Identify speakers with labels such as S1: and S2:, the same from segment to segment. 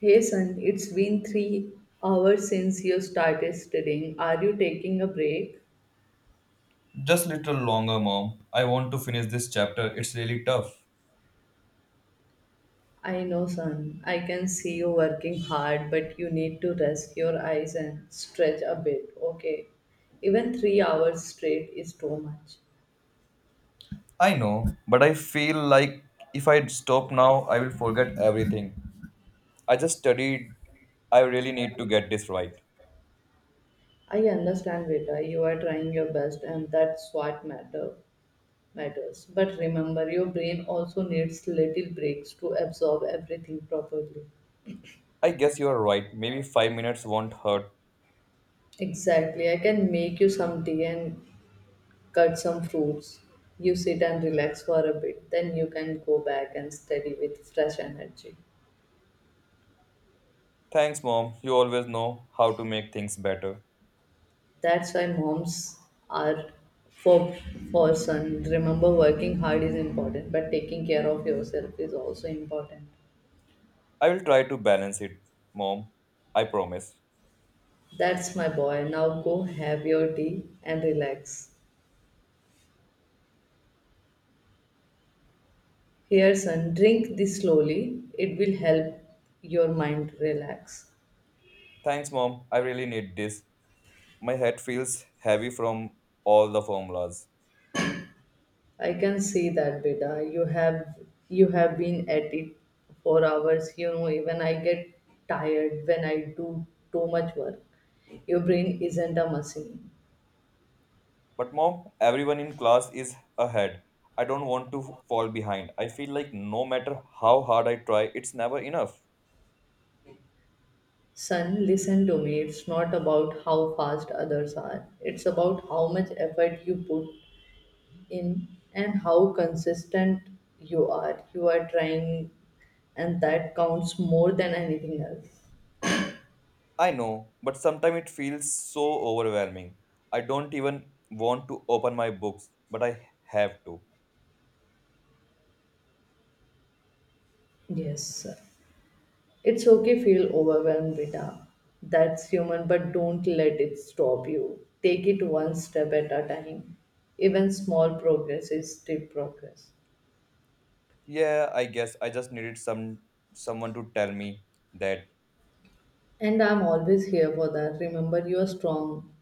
S1: Hey son, it's been 3 hours since you started studying. Are you taking a break?
S2: Just little longer, mom. I want to finish this chapter. It's really tough.
S1: I know, son. I can see you working hard, but you need to rest your eyes and stretch a bit, okay? Even 3 hours straight is too much.
S2: I know, but I feel like if I stop now, I will forget everything. I just studied. I really need to get this right.
S1: I understand, Vita. You are trying your best, and that's what matters. But remember, your brain also needs little breaks to absorb everything properly.
S2: I guess you are right. Maybe 5 minutes won't hurt.
S1: Exactly. I can make you some tea and cut some fruits, you sit and relax for a bit, then you can go back and study with fresh energy.
S2: Thanks, mom. You always know how to make things better.
S1: That's why moms are for for son. Remember, working hard is important, but taking care of yourself is also important.
S2: I will try to balance it, mom. I promise.
S1: That's my boy. Now go have your tea and relax. Here son, drink this slowly. It will help your mind relax.
S2: Thanks, mom. I really need this. My head feels heavy from all the formulas.
S1: I can see that, beta. You have been at it for hours. You know, even I get tired when I do too much work. Your brain isn't a machine.
S2: But mom, everyone in class is ahead. I don't want to fall behind. I feel like no matter how hard I try, it's never enough.
S1: Son, listen to me. It's not about how fast others are. It's about how much effort you put in and how consistent you are. You are trying, and that counts more than anything else.
S2: I know, but sometimes it feels so overwhelming. I don't even want to open my books, but I have to.
S1: Yes, sir. It's okay feel overwhelmed, Vita. That's human, but don't let it stop you. Take it one step at a time. Even small progress is still progress.
S2: Yeah, I guess I just needed someone to tell me that.
S1: And I'm always here for that. Remember, you are strong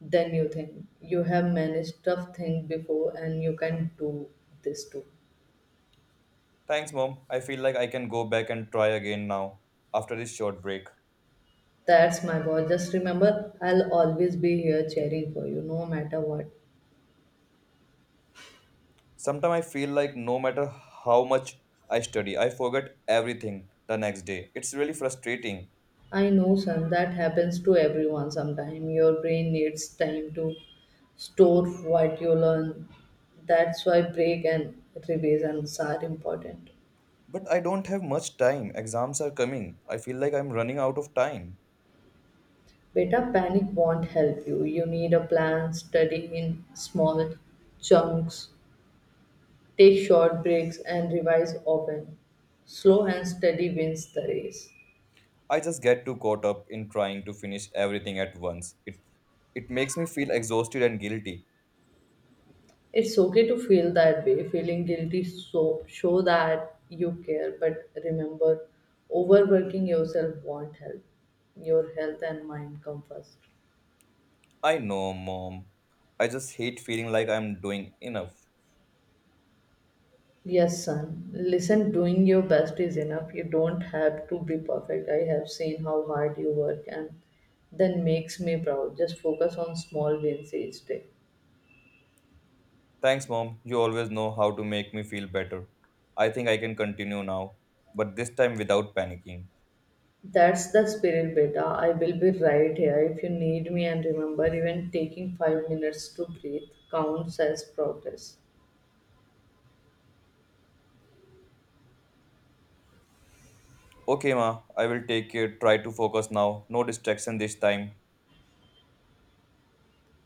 S1: than you think. You have managed tough things before, and you can do this too.
S2: Thanks, mom. I feel like I can go back and try again now after this short break.
S1: That's my boy. Just remember, I'll always be here cheering for you, no matter what.
S2: Sometimes I feel like no matter how much I study, I forget everything the next day. It's really frustrating.
S1: I know, son, that happens to everyone sometime. Your brain needs time to store what you learn. That's why break and revisions are important.
S2: But I don't have much time. Exams are coming. I feel like I'm running out of time.
S1: Beta, panic won't help you. You need a plan, study in small chunks, take short breaks, and revise often. Slow and steady wins the race.
S2: I just get too caught up in trying to finish everything at once. It makes me feel exhausted and guilty.
S1: It's okay to feel that way. Feeling guilty so show that you care, but remember, overworking yourself won't help. Your health and mind come first.
S2: I know, mom. I just hate feeling like I'm doing enough.
S1: Yes, son. Listen, doing your best is enough. You don't have to be perfect. I have seen how hard you work, and that makes me proud. Just focus on small wins each day.
S2: Thanks, mom. You always know how to make me feel better. I think I can continue now, but this time without panicking.
S1: That's the spirit, beta. I will be right here if you need me, and remember, even taking 5 minutes to breathe counts as progress.
S2: Okay, ma, I will take it. Try to focus now. No distraction this time.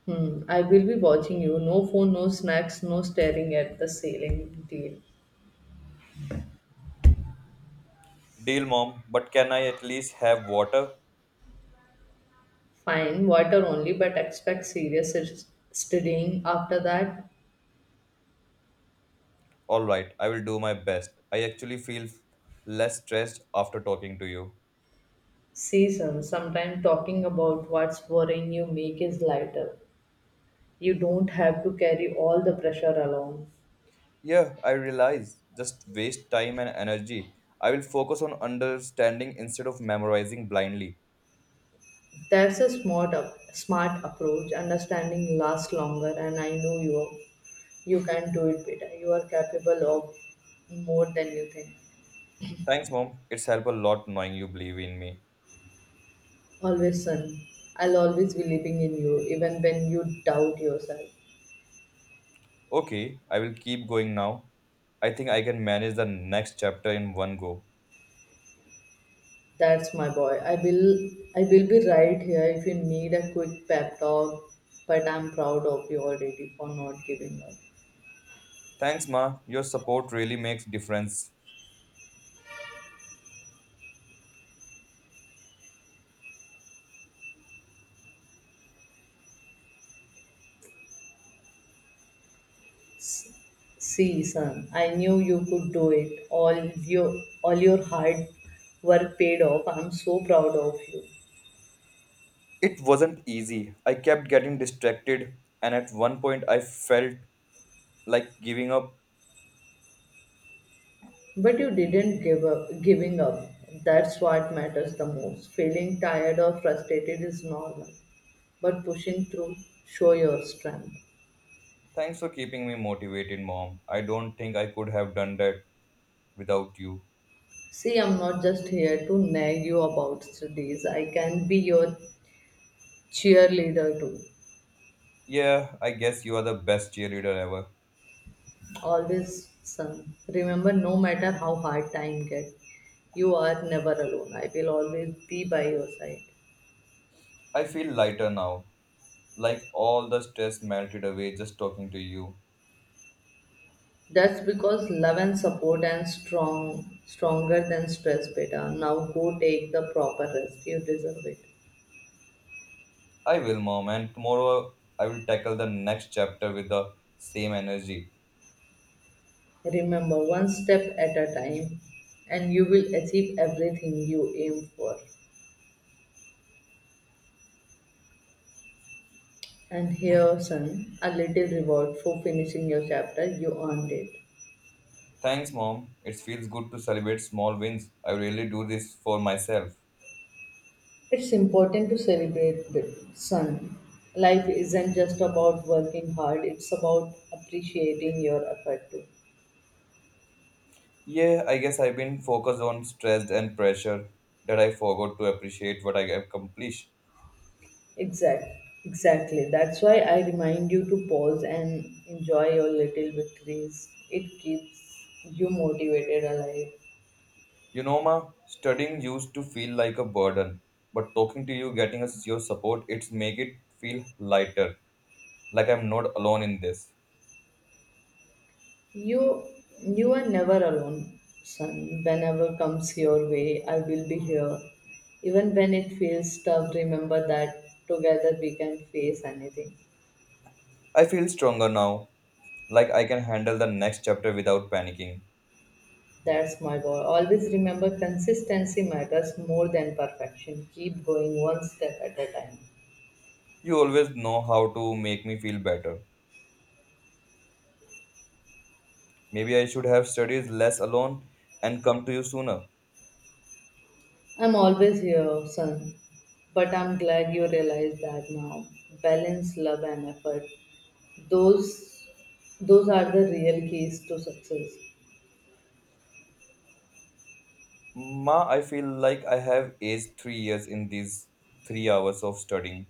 S1: Hmm, I will be watching you. No phone, no snacks, no staring at the ceiling. Deal.
S2: Deal, mom, but can I at least have water?
S1: Fine, water only, but expect serious studying after that
S2: Alright, I will do my best. I actually feel less stressed after talking to you.
S1: season. Sometime talking about what's worrying you make is lighter. You don't have to carry all the pressure alone.
S2: Yeah, I realize. Just waste time and energy. I will focus on understanding instead of memorizing blindly.
S1: That's a smart approach. Understanding lasts longer, and I know you. You can do it better. You are capable of more than you think.
S2: Thanks, mom. It's helped a lot knowing you believe in me.
S1: Always, son. I'll always be believing in you, even when you doubt yourself.
S2: Okay, I will keep going now. I think I can manage the next chapter in one go.
S1: That's my boy. I will be right here if you need a quick pep talk. But I'm proud of you already for not giving up.
S2: Thanks, Ma. Your support really makes difference.
S1: See, son, I knew you could do it. All your hard work paid off. I'm so proud of you.
S2: It wasn't easy. I kept getting distracted, and at one point, I felt like giving up.
S1: But you didn't give up giving up. That's what matters the most. Feeling tired or frustrated is normal. But pushing through, show your strength.
S2: Thanks for keeping me motivated, Mom. I don't think I could have done that without you.
S1: See, I'm not just here to nag you about studies. I can be your cheerleader too.
S2: Yeah, I guess you are the best cheerleader ever.
S1: Always, son. Remember, no matter how hard time gets, you are never alone. I will always be by your side.
S2: I feel lighter now, like all the stress melted away just talking to you.
S1: That's because love and support and stronger than stress, beta. Now go take the proper rest. You deserve it.
S2: I will, Mom, and tomorrow I will tackle the next chapter with the same energy.
S1: Remember, one step at a time, and you will achieve everything you aim for. And here, son, a little reward for finishing your chapter. You earned it.
S2: Thanks, Mom. It feels good to celebrate small wins. I really do this for myself.
S1: It's important to celebrate with son. Life isn't just about working hard, it's about appreciating your effort too.
S2: Yeah, I guess I've been focused on stress and pressure that I forgot to appreciate what I accomplished.
S1: Exact, exactly. That's why I remind you to pause and enjoy your little victories. It keeps you motivated alive.
S2: You know, Ma, studying used to feel like a burden, but talking to you, getting us your support, it's make it feel lighter, like I'm not alone in this.
S1: You you are never alone, son. Whenever comes your way, I will be here. Even when it feels tough, remember that together we can face anything.
S2: I feel stronger now, like I can handle the next chapter without panicking.
S1: That's my goal. Always remember, consistency matters more than perfection. Keep going, one step at a time.
S2: You always know how to make me feel better. Maybe I should have studied less alone and come to you sooner.
S1: I'm always here, son. But I'm glad you realize that now. Balance, love, and effort. Those, those are the real keys to success.
S2: Ma, I feel like I have aged 3 years in these 3 hours of studying.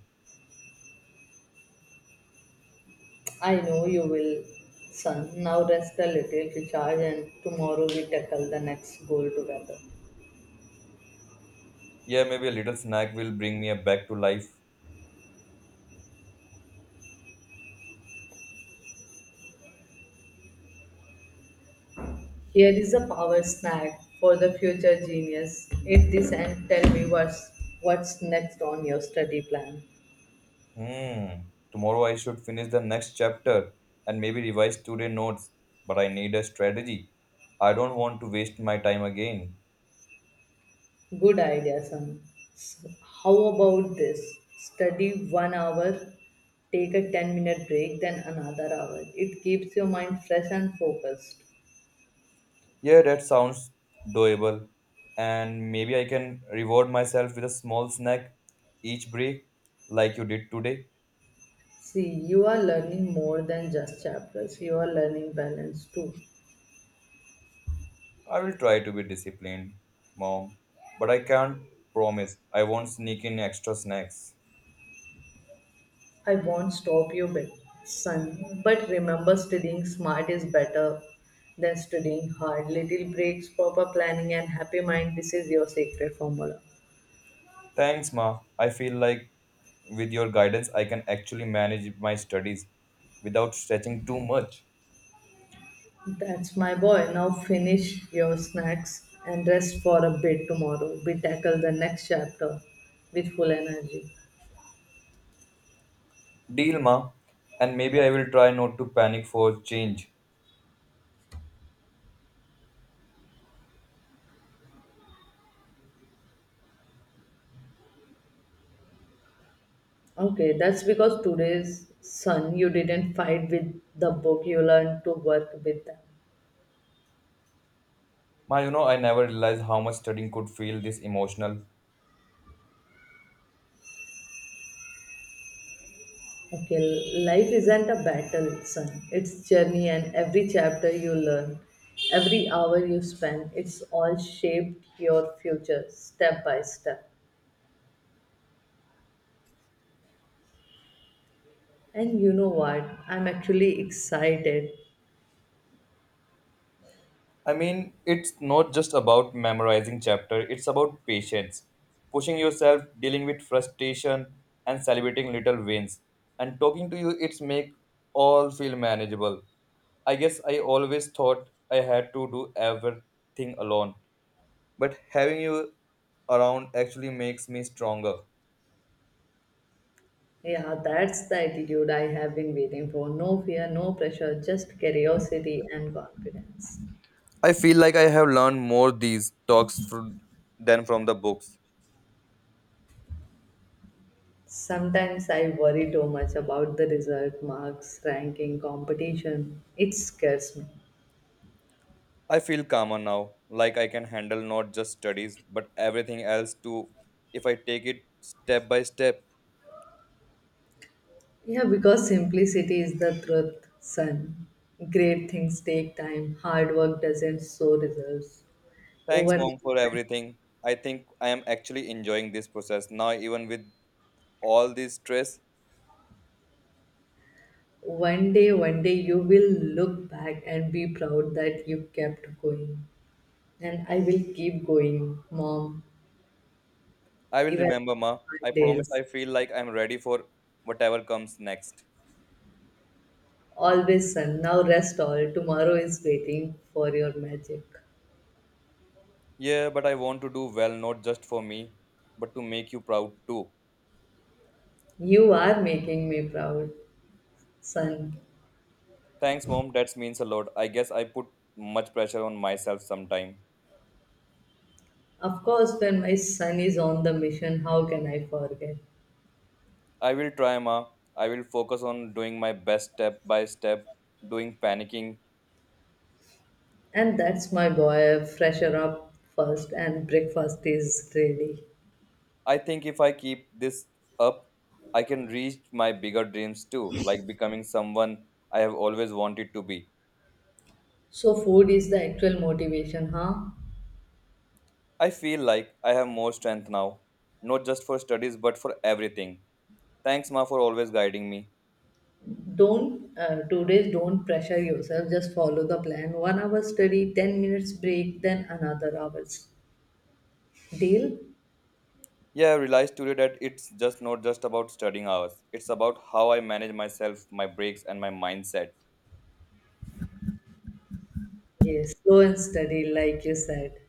S1: I know you will, son. Now rest a little, recharge, and tomorrow we tackle the next goal together.
S2: Yeah, maybe a little snack will bring me back to life.
S1: Here is a power snack for the future genius. Eat this and tell me what's next on your study plan.
S2: Hmm. Tomorrow I should finish the next chapter and maybe revise today's notes. But I need a strategy. I don't want to waste my time again.
S1: Good idea, son. S- How about this? Study 1 hour, take a 10-minute break, then another hour. It keeps your mind fresh and focused.
S2: Yeah, that sounds doable. And maybe I can reward myself with a small snack each break, like you did today.
S1: See, you are learning more than just chapters, you are learning balance too.
S2: I will try to be disciplined, Mom, but I can't promise I won't sneak in extra snacks.
S1: I won't stop you, son, but remember, studying smart is better than studying hard. Little breaks, proper planning, and happy mind, this is your secret formula.
S2: Thanks, Ma. I feel like with your guidance, I can actually manage my studies without stretching too much.
S1: That's my boy. Now finish your snacks and rest for a bit tomorrow. We tackle the next chapter with full energy.
S2: Deal, Ma. And maybe I will try not to panic for change.
S1: Okay, that's because today's sun, you didn't fight with the book, you learned to work with them.
S2: Ma, you know, I never realized how much studying could feel this emotional.
S1: Okay, life isn't a battle, son. It's journey, and every chapter you learn, every hour you spend, it's all shaped your future step by step. And you know what? I'm actually excited.
S2: I mean, it's not just about memorizing chapter, it's about patience, pushing yourself, dealing with frustration and celebrating little wins. And talking to you it's make all feel manageable. I guess I always thought I had to do everything alone, but having you around actually makes me stronger.
S1: Yeah, that's the attitude I have been waiting for. No fear, no pressure, just curiosity and confidence.
S2: I feel like I have learned more these talks from, than from the books.
S1: Sometimes I worry too much about the result, marks, ranking, competition. It scares me.
S2: I feel calmer now, like I can handle not just studies, but everything else too, if I take it step by step.
S1: Yeah, because simplicity is the truth, son. Great things take time, hard work doesn't show results.
S2: Thanks,
S1: Over
S2: mom, for everything. I think I am actually enjoying this process now, even with all this stress.
S1: one day you will look back and be proud that you kept going. And I will keep going, mom.
S2: I will
S1: Even
S2: remember, ma.
S1: on
S2: I promise
S1: days,
S2: I feel like I'm ready for whatever comes next.
S1: always sun, now rest all, tomorrow is waiting for your magic.
S2: Yeah, but I want to do well, not just for me, but to make you proud too.
S1: You are making me proud, son.
S2: Thanks, mom. That means a lot. I guess I put much pressure on myself sometime.
S1: Of course, when my son is on the mission, how can I forget?
S2: I will try, Ma. I will focus on doing my best step by step, doing panicking.
S1: And that's my boy, fresher up first, and breakfast is ready.
S2: I think if I keep this up, I can reach my bigger dreams too, like becoming someone I have always wanted to be.
S1: So, food is the actual motivation, huh?
S2: I feel like I have more strength now, not just for studies but for everything. Thanks, Ma, for always guiding me.
S1: Don't, 2 days, don't pressure yourself, just follow the plan. 1 hour study, 10 minutes break, then another hours. Deal?
S2: Yeah, I realized today that it's just not just about studying hours. It's about how I manage myself, my breaks, and my mindset.
S1: Yes, go and study, like you said.